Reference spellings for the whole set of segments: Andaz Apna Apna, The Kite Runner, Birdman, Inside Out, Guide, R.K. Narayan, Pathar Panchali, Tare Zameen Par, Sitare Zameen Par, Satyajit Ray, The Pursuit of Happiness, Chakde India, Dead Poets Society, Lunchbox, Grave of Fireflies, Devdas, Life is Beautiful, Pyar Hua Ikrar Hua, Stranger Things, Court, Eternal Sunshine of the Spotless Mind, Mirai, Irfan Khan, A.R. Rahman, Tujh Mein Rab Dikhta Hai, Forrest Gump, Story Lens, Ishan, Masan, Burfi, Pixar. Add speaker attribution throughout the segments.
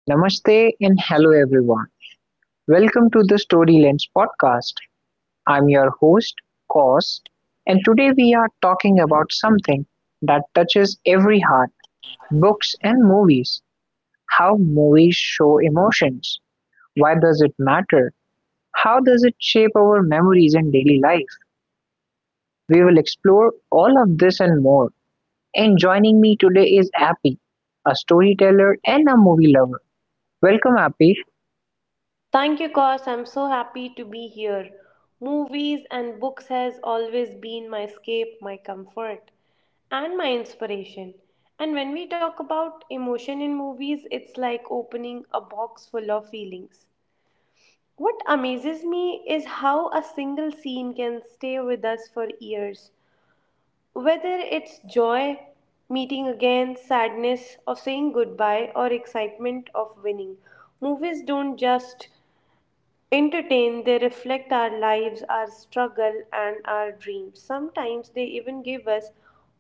Speaker 1: Namaste and hello everyone. Welcome to the Story Lens podcast. I'm your host, Kos, and today we are talking about something that touches every heart books and movies. How movies show emotions. Why does it matter? How does it shape our memories and daily life? We will explore all of this and more. And joining me today is Appy, a storyteller and a movie lover. Welcome, Appy.
Speaker 2: Thank you, because I'm so happy to be here. Movies and books has always been my escape, my comfort, and my inspiration. And when we talk about emotion in movies, it's like opening a box full of feelings. What amazes me is how a single scene can stay with us for years. Whether it's joy, meeting again, sadness of saying goodbye, or excitement of winning, movies don't just entertain, they reflect our lives, our struggle, and our dreams. Sometimes they even give us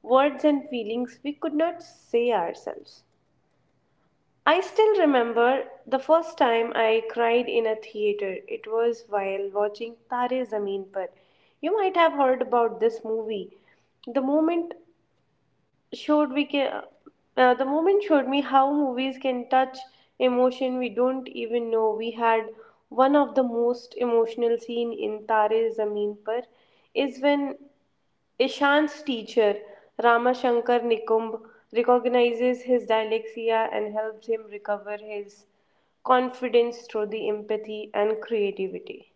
Speaker 2: words and feelings we could not say ourselves. I still remember the first time I cried in a theater. It was while watching Tare Zameen Par. You might have heard about this movie. The moment showed we can the moment showed me how movies can touch emotion we don't even know we had. One of the most emotional scene in Tare Zameen Par is when Ishan's teacher Ramashankar Nikumb recognizes his dyslexia and helps him recover his confidence through the empathy and creativity.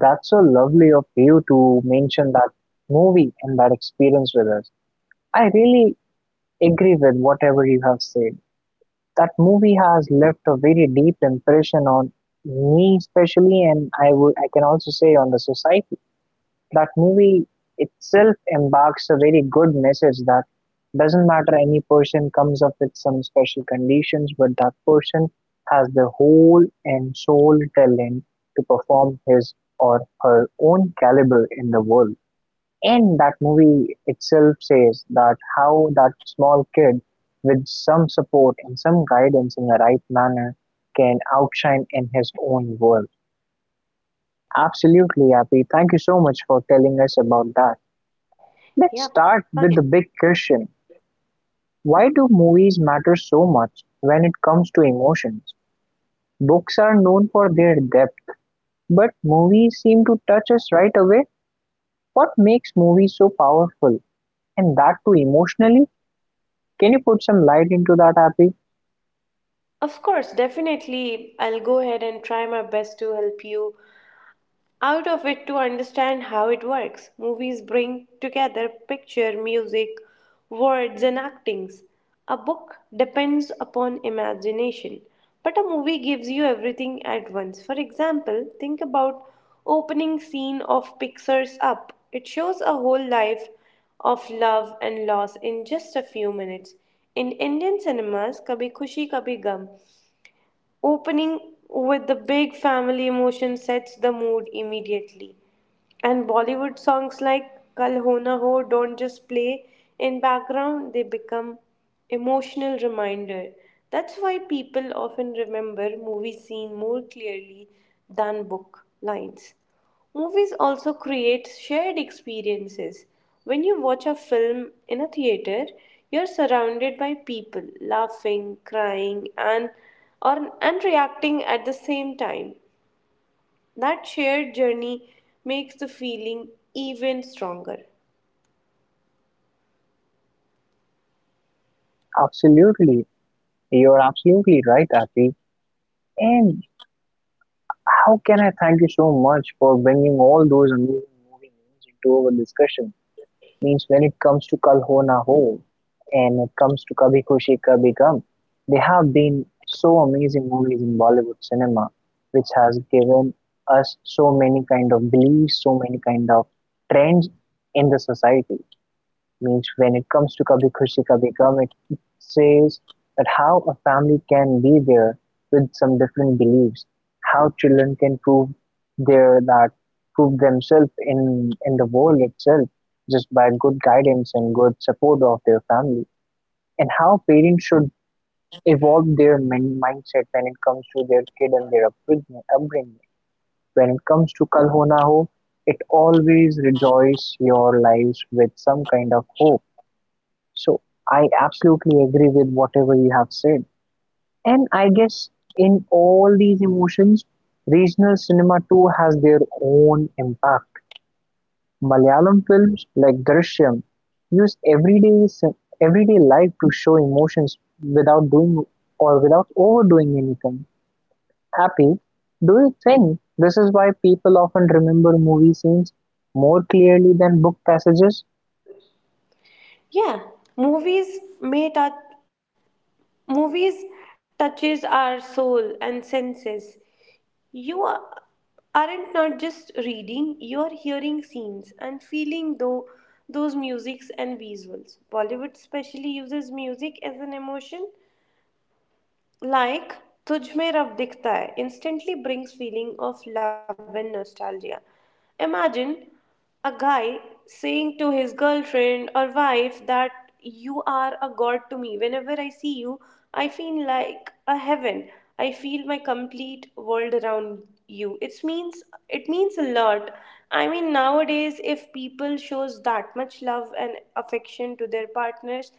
Speaker 1: That's so lovely of you to mention that movie and that experience with us. I really agree with whatever you have said. That movie has left a very deep impression on me, especially, and I can also say on the society. That movie itself embarks a very good message that doesn't matter any person comes up with some special conditions, but that person has the whole and sole talent to perform his or her own caliber in the world. And that movie itself says that how that small kid with some support and some guidance in the right manner can outshine in his own world. Absolutely, Happy. Thank you so much for telling us about that. Let's
Speaker 2: Yeah,
Speaker 1: start with
Speaker 2: fine.
Speaker 1: the big question: why do movies matter so much when it comes to emotions? Books are known for their depth, but movies seem to touch us right away. What makes movies so powerful? And that too emotionally? Can you put some light into that, Happy?
Speaker 2: Of course, definitely, I'll go ahead and try my best to help you out of it to understand how it works. Movies bring together picture, music, words, and actings. A book depends upon imagination, but a movie gives you everything at once. For example, think about opening scene of Pixar's Up. It shows a whole life of love and loss in just a few minutes. In Indian cinemas, Kabhi Khushi Kabhi Gum opening with the big family emotion sets the mood immediately. And Bollywood songs like Kal Ho Na Ho don't just play in background, they become emotional reminder. That's why people often remember movie scene more clearly than book lines. Movies also create shared experiences. When you watch a film in a theater, you're surrounded by people laughing, crying, and reacting at the same time. That shared journey makes the feeling even stronger.
Speaker 1: Absolutely. You're absolutely right, Happy. And how can I thank you so much for bringing all those amazing movie names into our discussion? Means when it comes to Kal Ho Na Ho and it comes to Kabhi Khushi Kabhi Gum, they have been so amazing movies in Bollywood cinema, which has given us so many kind of beliefs, so many kind of trends in the society means when it comes to Kabhi Khushi Kabhi Gum, it says that how a family can be there with some different beliefs, how children can prove their that prove themselves in the world itself just by good guidance and good support of their family, and how parents should evolve their mindset when it comes to their kid and their upbringing. When it comes to Kal Ho Na Ho, it always rejoices your lives with some kind of hope so I absolutely agree with whatever you have said. And I guess in all these emotions, regional cinema too has their own impact. Malayalam films like Drishyam use everyday life to show emotions without doing or without overdoing anything. Happy, do you think this is why people often remember movie scenes more clearly than book passages?
Speaker 2: Yeah, movies may touch movies touches our soul and senses. You are, aren't not just reading, you are hearing scenes and feeling though those musics and visuals. Bollywood specially uses music as an emotion like Tujh Mein Rab Dikhta Hai instantly brings feeling of love and nostalgia. Imagine a guy saying to his girlfriend or wife that you are a god to me. Whenever I see you, I feel like a heaven. I feel my complete world around you. It means a lot. I mean, nowadays if people shows that much love and affection to their partners,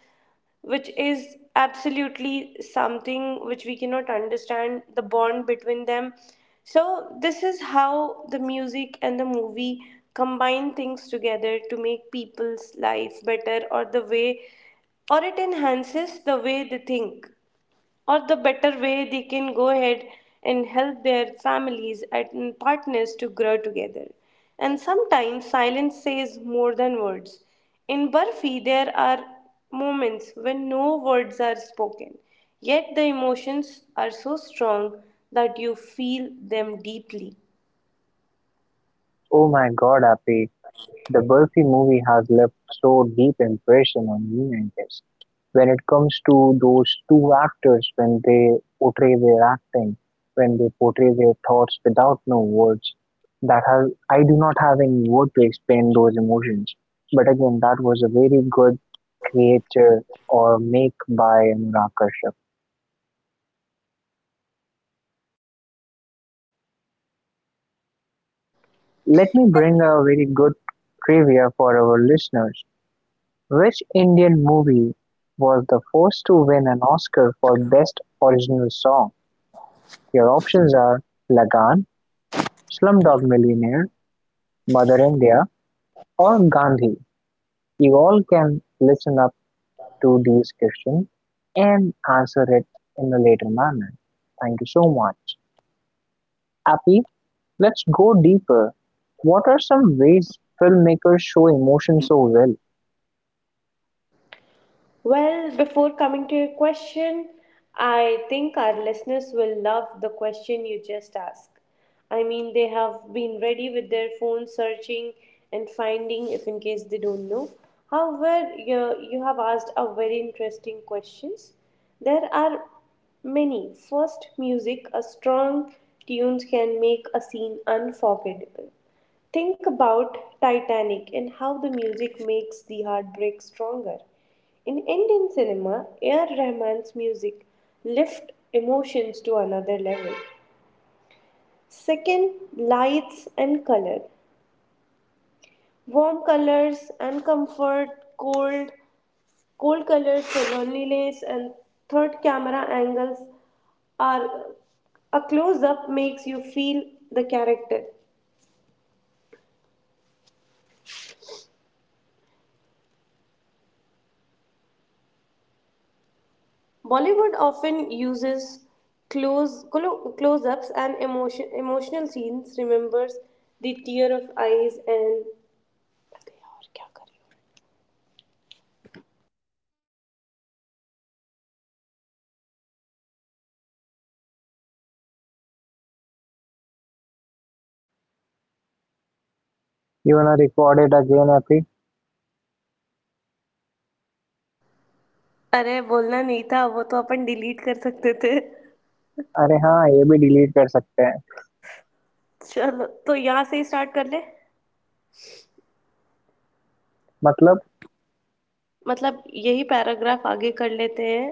Speaker 2: which is absolutely something which we cannot understand the bond between them. So this is how the music and the movie combine things together to make people's life better, or the way, or it enhances the way they think, or the better way they can go ahead and help their families and partners to grow together. And sometimes silence says more than words. In Burfi, there are moments when no words are spoken, yet the emotions are so strong that you feel them deeply.
Speaker 1: Oh my god, Happy. The Burfi movie has left so deep impression on me, I guess, when it comes to those two actors when they portray their acting, when they portray their thoughts without no words. That has I do not have any word to explain those emotions. But again, that was a very good creator or make by Anurag Kashyap. Let me bring a very good trivia for our listeners. Which Indian movie was the first to win an Oscar for Best Original Song? Your options are Lagaan, Slumdog Millionaire, Mother India, or Gandhi. You all can listen up to these questions and answer it in a later manner. Thank you so much. Happy, let's go deeper. What are some ways filmmakers show emotion so well?
Speaker 2: Well, before coming to your question, I think our listeners will love the question you just asked. I mean, they have been ready with their phone searching and finding if in case they don't know. However, you have asked a very interesting questions. There are many. First, music, a strong tunes can make a scene unforgettable. Think about Titanic and how the music makes the heartbreak stronger. In Indian cinema, A. R. Rahman's music lift emotions to another level. Second, lights and color. Warm colors and comfort, cold, cold colors for loneliness, and third, camera angles are a close up makes you feel the character. Bollywood often uses close ups and emotional scenes, remembers the tear of eyes and
Speaker 1: You wanna record it again, Happy?
Speaker 2: अरे बोलना नहीं था वो तो अपन delete कर सकते थे
Speaker 1: अरे हाँ ये भी डिलीट कर सकते हैं
Speaker 2: चलो तो यहाँ से ही स्टार्ट कर ले
Speaker 1: मतलब
Speaker 2: मतलब यही पैराग्राफ आगे कर लेते हैं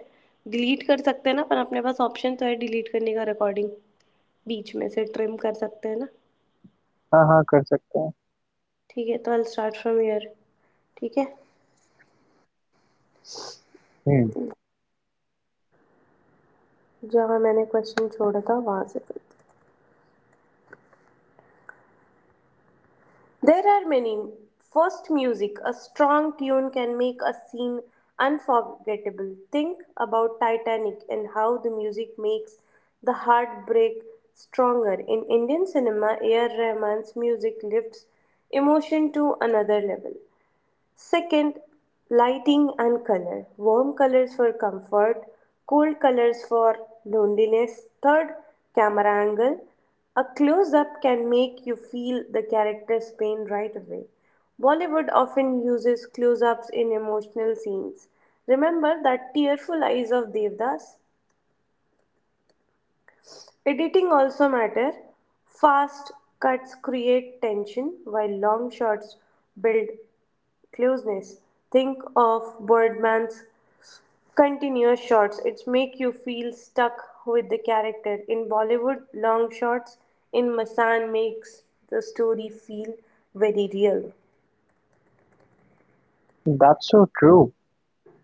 Speaker 2: डिलीट कर सकते हैं ना पर अपने पास ऑप्शन तो है डिलीट करने का रिकॉर्डिंग बीच में से ट्रिम कर सकते हैं ना
Speaker 1: हाँ कर सकते हैं
Speaker 2: ठीक है तो I will start from year ठीक है जहाँ मैंने क्वेश्चन छोड़ा था वहाँ से. There are many. First, music. A strong tune can make a scene unforgettable. Think about Titanic and how the music makes the heartbreak stronger. In Indian cinema, A.R. Rahman's music lifts emotion to another level. Second, lighting and color. Warm colors for comfort, cold colors for loneliness. Third, camera angle. A close up can make you feel the character's pain right away. Bollywood often uses close ups in emotional scenes. Remember that tearful eyes of Devdas? Editing also matter. Fast cuts create tension while long shots build closeness. Think of Birdman's continuous shots. It's make you feel stuck with the character. In Bollywood, long shots in Masan makes the story feel very real.
Speaker 1: That's so true.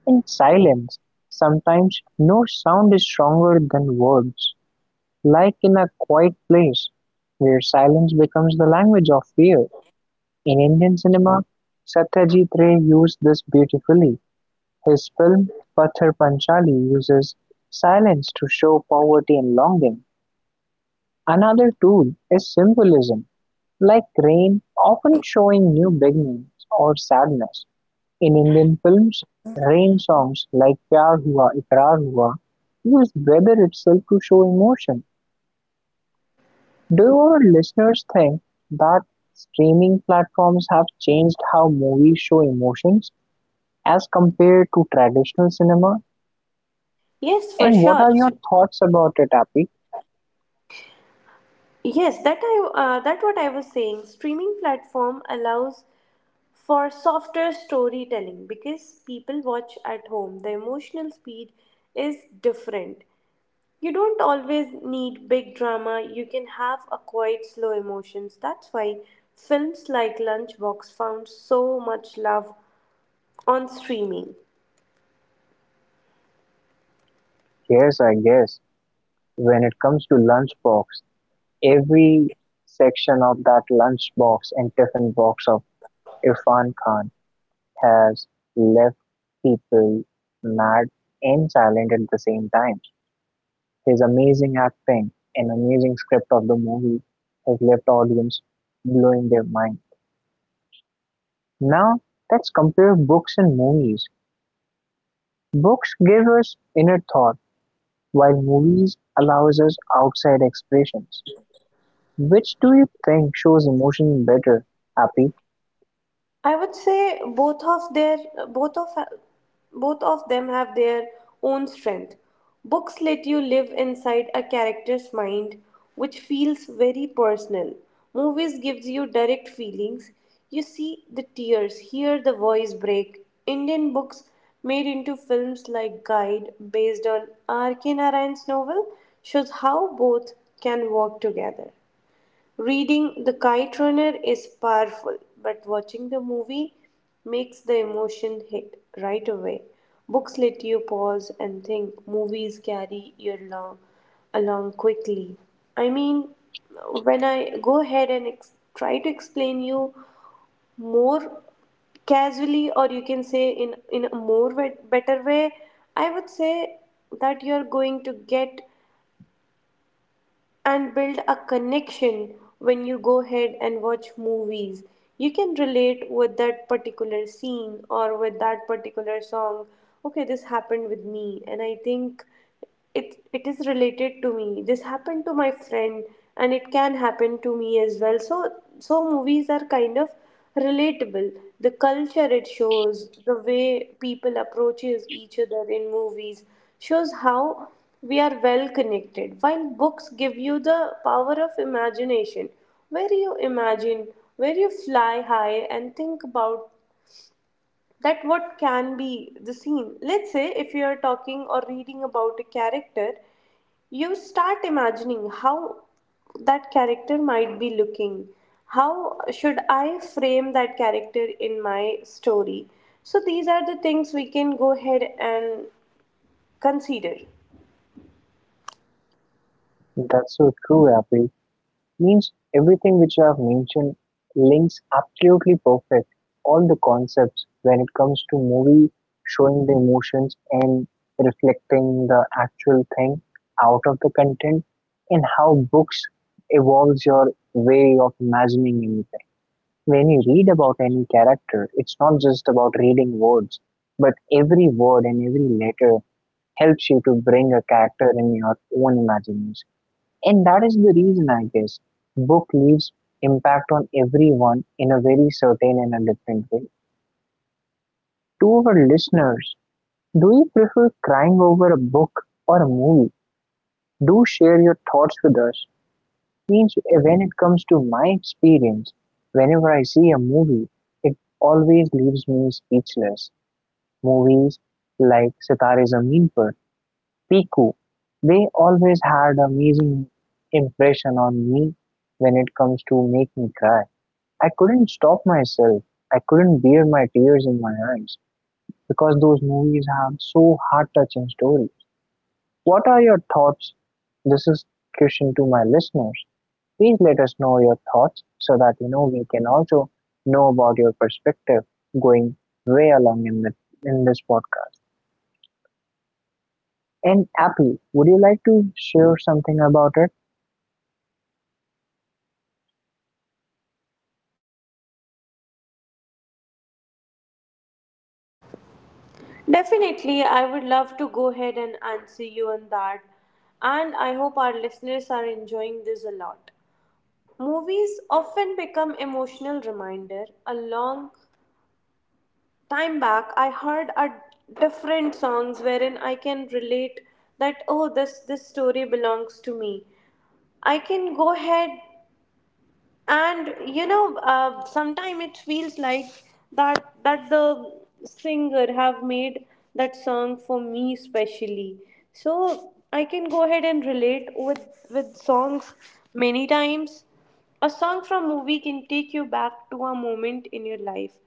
Speaker 1: In silence, sometimes no sound is stronger than words, like in a quiet place where silence becomes the language of fear. In Indian cinema, Satyajit Ray used this beautifully. His film Pathar Panchali uses silence to show poverty and longing. Another tool is symbolism, like rain often showing new beginnings or sadness. In Indian films, rain songs like Pyar Hua Ikrar Hua used weather itself to show emotion. Do our listeners think that streaming platforms have changed how movies show emotions as compared to traditional cinema?
Speaker 2: Yes, for
Speaker 1: And what
Speaker 2: sure.
Speaker 1: are your thoughts about it, Happy?
Speaker 2: Yes, that what I was saying. Streaming platform allows for softer storytelling because people watch at home the emotional speed is different. You don't always need big drama, you can have a quiet slow emotions. That's why films like lunchbox found so much love on streaming.
Speaker 1: Yes, I guess. When it comes to lunchbox, every section of that lunchbox and tiffin box of Irfan Khan has left people mad and silent at the same time. His amazing acting and amazing script of the movie has left audience blowing their mind. Now, let's compare books and movies. Books give us inner thought, while movies allows us outside expressions. Which do you think shows emotion better, Happy?
Speaker 2: I would say both of both of them have their own strength. Books let you live inside a character's mind, which feels very personal. Movies gives you direct feelings. You see the tears, hear the voice break. Indian books made into films like Guide, based on R.K. Narayan's novel, shows how both can work together. Reading The Kite Runner is powerful, but watching the movie makes the emotion hit right away. Books let you pause and think, movies carry you along quickly. I mean, when I go ahead and try to explain you more casually, or you can say in a more better way, I would say that you're going to get and build a connection when you go ahead and watch movies. You can relate with that particular scene or with that particular song. Okay, this happened with me, and I think it is related to me. This happened to my friend, and it can happen to me as well. So movies are kind of relatable. The culture it shows, the way people approaches each other in movies shows how we are well connected. While books give you the power of imagination, where you imagine, where you fly high and think about that what can be the scene. Let's say if you are talking or reading about a character, you start imagining how that character might be looking. How should I frame that character in my story? So, these are the things we can go ahead and consider.
Speaker 1: That's so true, Happy. Means everything which I have mentioned links absolutely perfect all the concepts when it comes to movie showing the emotions and reflecting the actual thing out of the content and how books evolves your way of imagining anything. When you read about any character, it's not just about reading words, but every word and every letter helps you to bring a character in your own imagination. And that is the reason, I guess, book leaves impact on everyone in a very certain and a different way. To our listeners, do you prefer crying over a book or a movie? Do share your thoughts with us. Means when it comes to my experience, whenever I see a movie, it always leaves me speechless. Movies like Sitare Zameen Par, Piku, they always had amazing impression on me when it comes to make me cry. I couldn't stop myself. I couldn't bear my tears in my eyes because those movies have so heart touching stories. What are your thoughts? This is question to my listeners. Please let us know your thoughts so that you know we can also know about your perspective going way along in the in this podcast. And Apple, would you like to share something about it?
Speaker 2: Definitely, I would love to go ahead and answer you on that. And I hope our listeners are enjoying this a lot. Movies often become emotional reminder. A long time back, I heard a different songs wherein I can relate that oh, this story belongs to me. I can go ahead and sometimes it feels like that the singer have made that song for me specially, so I can go ahead and relate with songs many times. A song from movie can take you back to a moment in your life,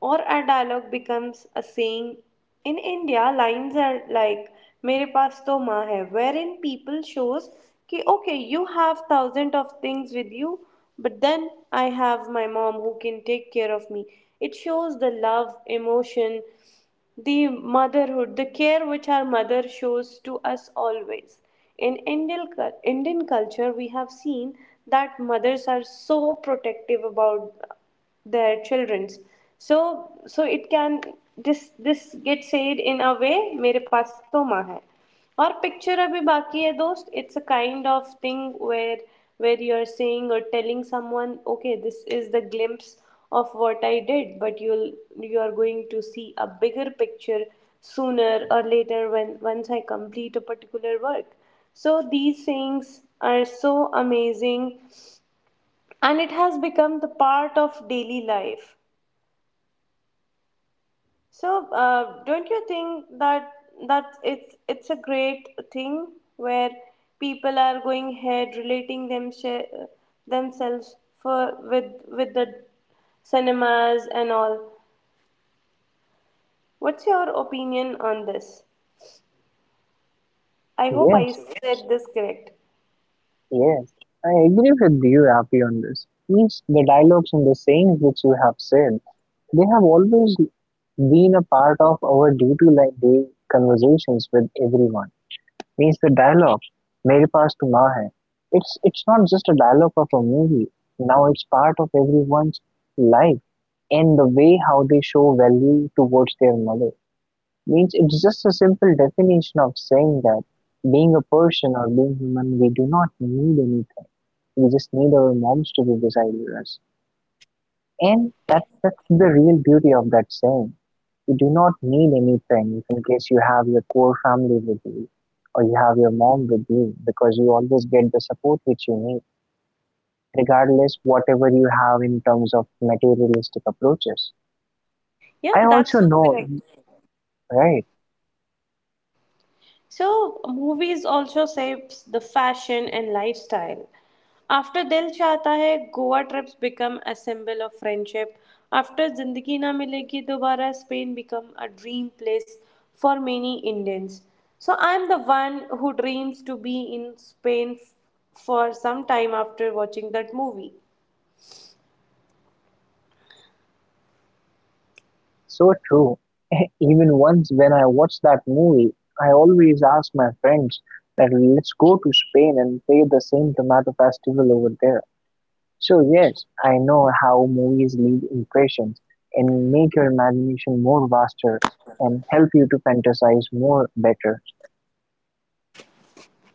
Speaker 2: or a dialogue becomes a saying. In India, lines are like Mere Paas To Maa Hai, wherein people shows ki, okay, you have thousand of things with you, but then I have my mom who can take care of me. It shows the love, emotion, the motherhood, the care which our mother shows to us always. In Indian culture, we have seen that mothers are so protective about their children's. So so it can this this gets said in a way, मेरे पास तो माँ है और picture अभी बाकी है दोस्त. It's a kind of thing where where you're saying or telling someone, okay, this is the glimpse of what I did, but you are going to see a bigger picture sooner or later when once I complete a particular work. So these things are so amazing and it has become the part of daily life. So, don't you think that it's a great thing where people are going ahead relating themselves for with the cinemas and all? What's your opinion on this? I hope I
Speaker 1: Yes,
Speaker 2: said this correct.
Speaker 1: yes. I agree with you, Appy, on this. Means the dialogues and the sayings which you have said they have always been a part of our day-to-day conversations with everyone. Means the dialogue, "Mere paas पास तुम hai." It's not just a dialogue of a movie. Now it's part of everyone's life and the way how they show value towards their mother. Means it's just a simple definition of saying that being a person or being human, we do not need anything. We just need our moms to be beside us. And that's the real beauty of that saying. You do not need anything, friend in case you have your core family with you or you have your mom with you because you always get the support which you need, regardless whatever you have in terms of materialistic approaches.
Speaker 2: Yeah,
Speaker 1: I
Speaker 2: that's
Speaker 1: also
Speaker 2: so
Speaker 1: know,
Speaker 2: correct.
Speaker 1: right?
Speaker 2: So, movies also shapes the fashion and lifestyle. After Dil Chahta Hai, Goa trips become a symbol of friendship. After Zindagi Na Milegi Dobara, Spain become a dream place for many Indians. So, I'm the one who dreams to be in Spain for some time after watching that movie.
Speaker 1: So true. Even once when I watched that movie, I always ask my friends that let's go to Spain and play the same tomato festival over there. So yes, I know how movies leave impressions and make your imagination more vaster and help you to fantasize more better.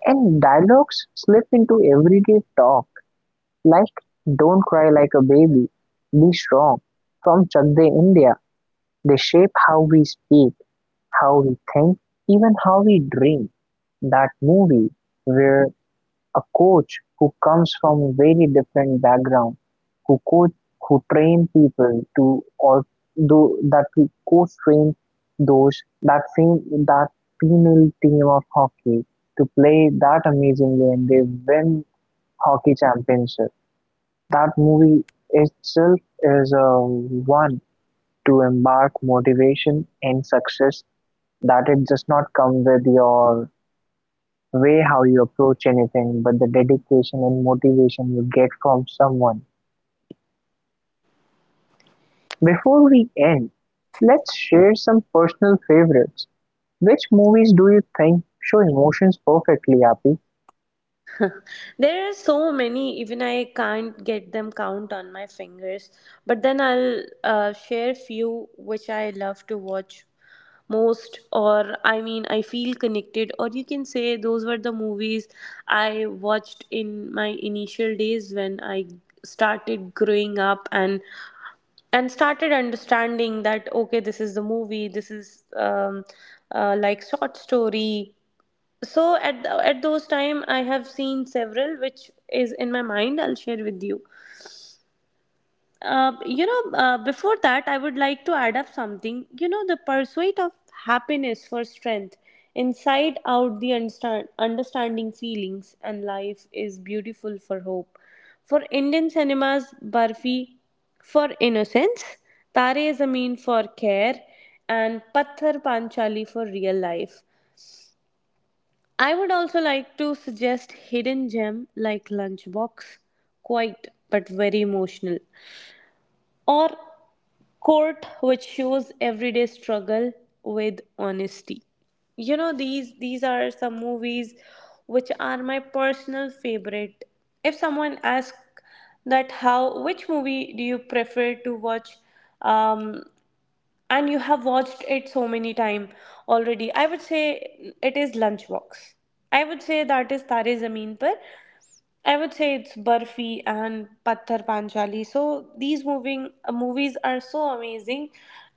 Speaker 1: And dialogues slip into everyday talk like don't cry like a baby, be strong. From Chakde India, they shape how we speak, how we think, even how we dream. That movie where a coach who comes from a very different background, who coach, who train people to or do that who coach train those that female team of hockey to play that amazingly and they win hockey championship. That movie itself is a one to embark motivation and success that it does not come with your way how you approach anything, but the dedication and motivation you get from someone. Before we end, let's share some personal favorites. Which movies do you think show emotions perfectly, Happy?
Speaker 2: There are so many, even I can't get them count on my fingers. But then I'll share few which I love to watch most, or I mean, I feel connected, or you can say those were the movies I watched in my initial days when I started growing up and started understanding that okay, this is the movie, this is like short story. So at at those time I have seen several which is in my mind I'll share with you. You know Before that I would like to add up something, you know, the pursuit of happiness for strength, Inside Out the understanding feelings, and Life is Beautiful for hope, for Indian cinemas Barfi for innocence, Tare Zameen for care, and Patthar Panchali for real life. I would also like to suggest hidden gem like Lunchbox, quite but very emotional, or Court, which shows everyday struggle with honesty. You know, these are some movies which are my personal favorite. If someone asks that how, which movie do you prefer to watch um, and you have watched it so many time already, I would say it is Lunchbox, I would say that is Tare Zameen Par, I would say it's Barfi and Patthar Panchali. So these moving movies are so amazing.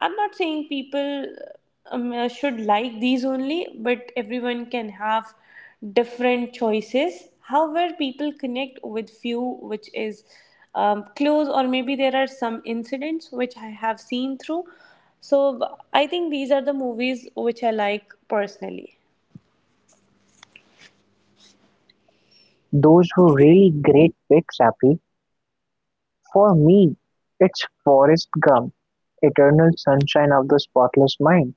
Speaker 2: I'm not saying people should like these only, but everyone can have different choices. However, people connect with few, which is close, or maybe there are some incidents which I have seen through. So b- I think these are the movies which I like personally.
Speaker 1: Those were really great picks, Happy. For me, it's Forrest Gump, Eternal Sunshine of the Spotless Mind,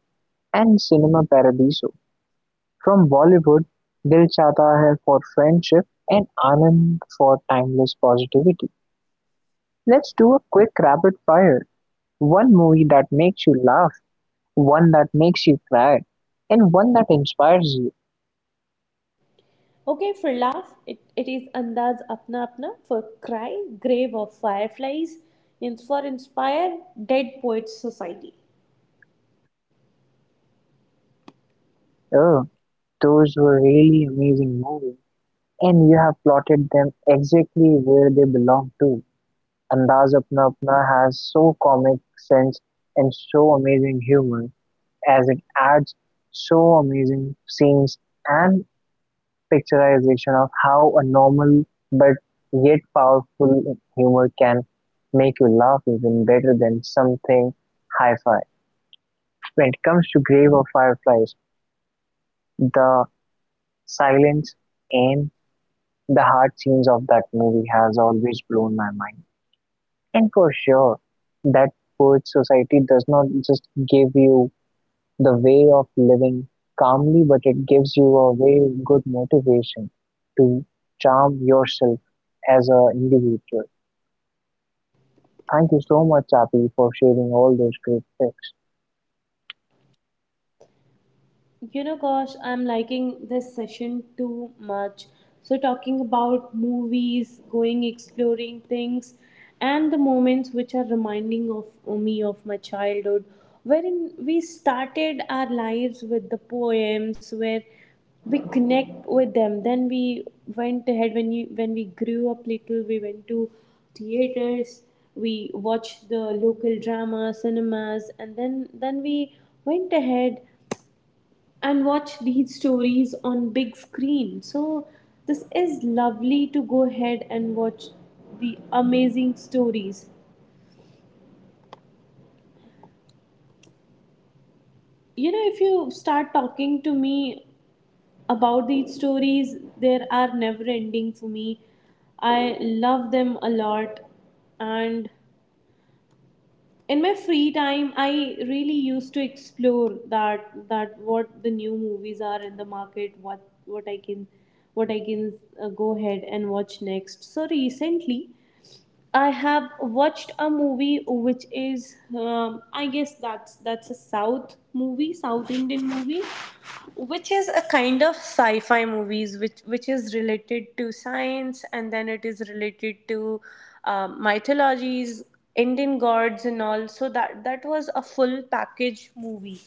Speaker 1: and Cinema Paradiso. From Bollywood, Dil Chahta Hai for Friendship and Anand for Timeless Positivity. Let's do a quick rapid fire. One movie that makes you laugh, one that makes you cry, and one that inspires you.
Speaker 2: Okay, for laugh, it is Andaz Apna Apna. For cry, Grave of Fireflies. And for inspire, Dead Poets Society.
Speaker 1: Oh, those were really amazing movies, and you have plotted them exactly where they belong to. Andaz Apna Apna has so comic sense and so amazing humor as it adds so amazing scenes and picturization of how a normal but yet powerful humor can make you laugh even better than something hi-fi. When it comes to Grave of Fireflies, the silence and the hard scenes of that movie has always blown my mind. And for sure, that poet society does not just give you the way of living calmly, but it gives you a very good motivation to charm yourself as an individual. Thank you so much, Happy, for sharing all those great tips.
Speaker 2: You know, gosh, I'm liking this session too much. So, talking about movies, going exploring things, and the moments which are reminding of me of my childhood, wherein we started our lives with the poems, where we connect with them. Then we went ahead, when you when we grew up little, we went to theaters, we watched the local drama, cinemas, and then we went ahead and watch these stories on big screen. So this is lovely to go ahead and watch the amazing stories. You know, if you start talking to me about these stories, there are never ending for me. I love them a lot. And in my free time I really used to explore that what the new movies are in the market, what I can go ahead and watch next. So recently I have watched a movie which is, I guess that's a South movie, South Indian movie, which is a kind of sci-fi movies, which is related to science, and then it is related to mythologies, Indian gods, and all. So that was a full package movie.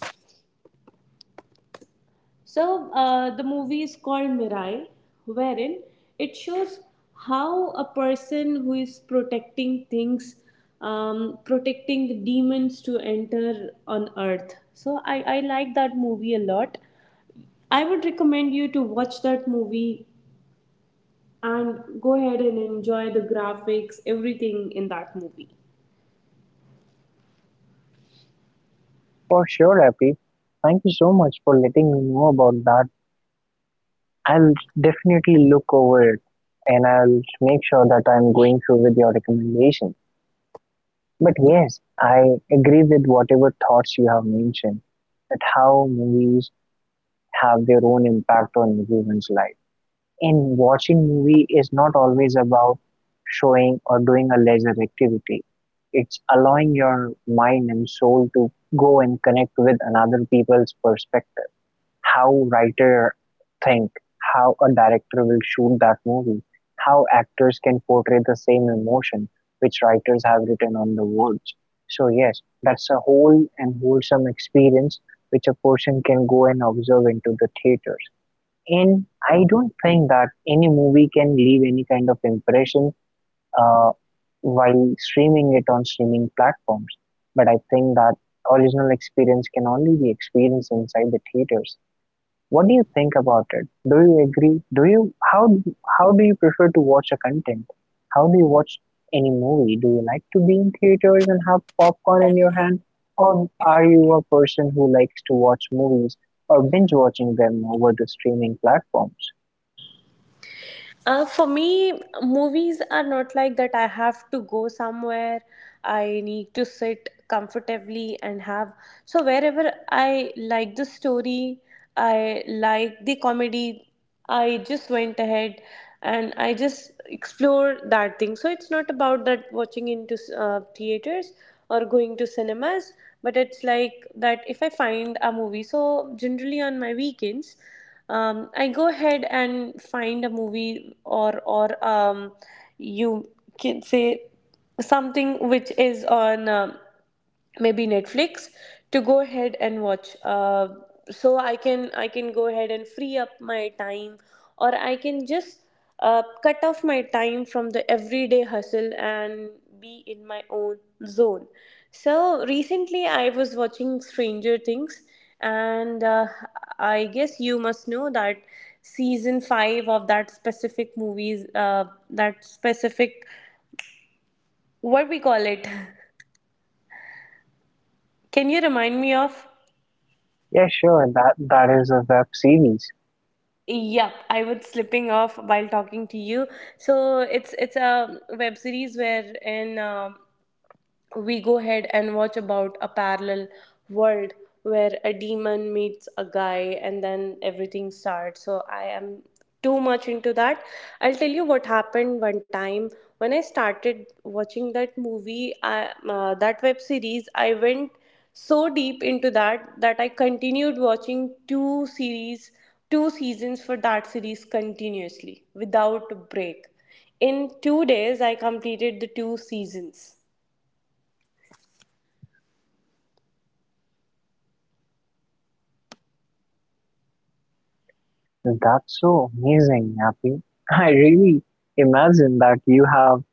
Speaker 2: So the movie is called Mirai, wherein it shows how a person who is protecting things, protecting the demons to enter on Earth. So I like that movie a lot. I would recommend you to watch that movie and go ahead and enjoy the graphics, everything in that movie.
Speaker 1: For sure, Happy. Thank you so much for letting me know about that. I'll definitely look over it and I'll make sure that I'm going through with your recommendation. But yes, I agree with whatever thoughts you have mentioned that how movies have their own impact on everyone's life. In watching movie is not always about showing or doing a leisure activity. It's allowing your mind and soul to go and connect with another people's perspective. How writer think, how a director will shoot that movie, how actors can portray the same emotion which writers have written on the words. So yes, that's a whole and wholesome experience which a person can go and observe into the theaters. And I don't think that any movie can leave any kind of impression uh, while streaming it on streaming platforms. But I think that original experience can only be experienced inside the theaters. What do you think about it? Do you agree? Do you How do you prefer to watch a content? How do you watch any movie? Do you like to be in theaters and have popcorn in your hand, or are you a person who likes to watch movies or binge watching them over the streaming platforms?
Speaker 2: For me, movies are not like that. I have to go somewhere. I need to sit comfortably and have. So, wherever I like the story, I like the comedy, I just went ahead and I just explored that thing. So, it's not about that watching into theaters or going to cinemas, but it's like that if I find a movie. So, generally on my weekends, I go ahead and find a movie or you can say something which is on. Maybe Netflix to go ahead and watch. So I can go ahead and free up my time, or I can just cut off my time from the everyday hustle and be in my own zone. So recently I was watching Stranger Things, and I guess you must know that season 5 of that specific movies, that specific what we call it. Can you remind me of?
Speaker 1: Yeah, sure. That is a web series.
Speaker 2: Yep, I was slipping off while talking to you. So it's a web series where in we go ahead and watch about a parallel world where a demon meets a guy and then everything starts. So I am too much into that. I'll tell you what happened one time when I started watching that movie, that web series. I went so deep into that, that I continued watching two seasons for that series continuously without a break. In 2 days I completed the two seasons.
Speaker 1: That's so amazing, Happy. I really imagine that you have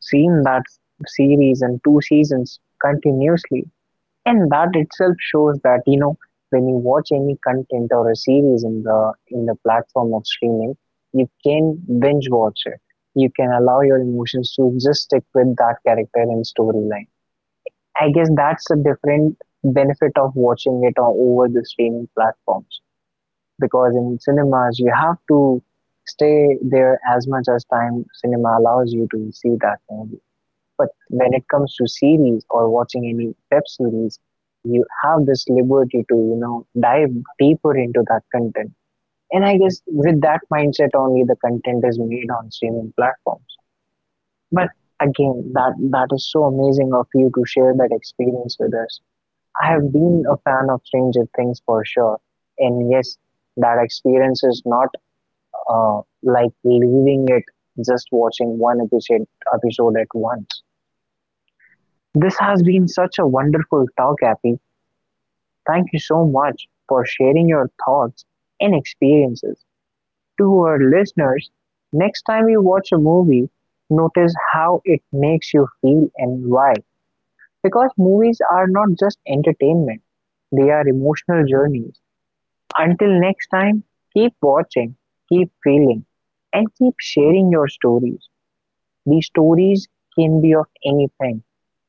Speaker 1: seen that series in two seasons continuously, and that itself shows that, you know, when you watch any content or a series in the platform of streaming, you can binge watch it. You can allow your emotions to just stick with that character and storyline. I guess that's a different benefit of watching it all over the streaming platforms, because in cinemas you have to stay there as much as time cinema allows you to see that movie. But when it comes to series or watching any web series, you have this liberty to, you know, dive deeper into that content. And I guess with that mindset only the content is made on streaming platforms. But again, that is so amazing of you to share that experience with us. I have been a fan of Stranger Things for sure. And yes, that experience is not uh, like leaving it just watching one episode at once. This has been such a wonderful talk, Happy. Thank you so much for sharing your thoughts and experiences to our listeners. Next time you watch a movie, notice how it makes you feel and why. Because movies are not just entertainment, they are emotional journeys. Until next time, keep watching, keep feeling, and keep sharing your stories. These stories can be of anything: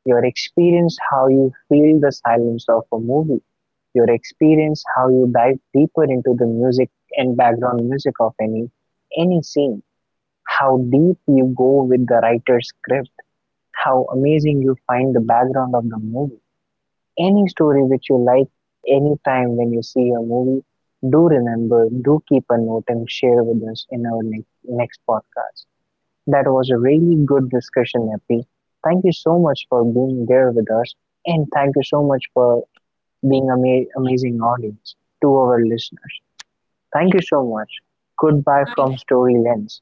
Speaker 1: your experience how you feel the silence of a movie, your experience how you dive deeper into the music and background music of any scene, how deep you go with the writer's script, how amazing you find the background of the movie. Any story which you like, any time when you see a movie, do remember, do keep a note and share with us in our next podcast. That was a really good discussion, Happy. Thank you so much for being there with us, and thank you so much for being amazing audience to our listeners. Thank you so much. Goodbye from Story Lens.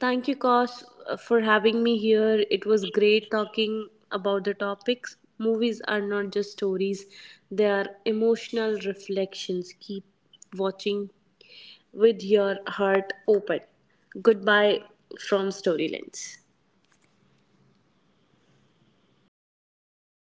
Speaker 2: Thank you, Kosh, for having me here. It was great talking about the topics. Movies are not just stories, they are emotional reflections. Keep watching with your heart open. Goodbye from Storylens.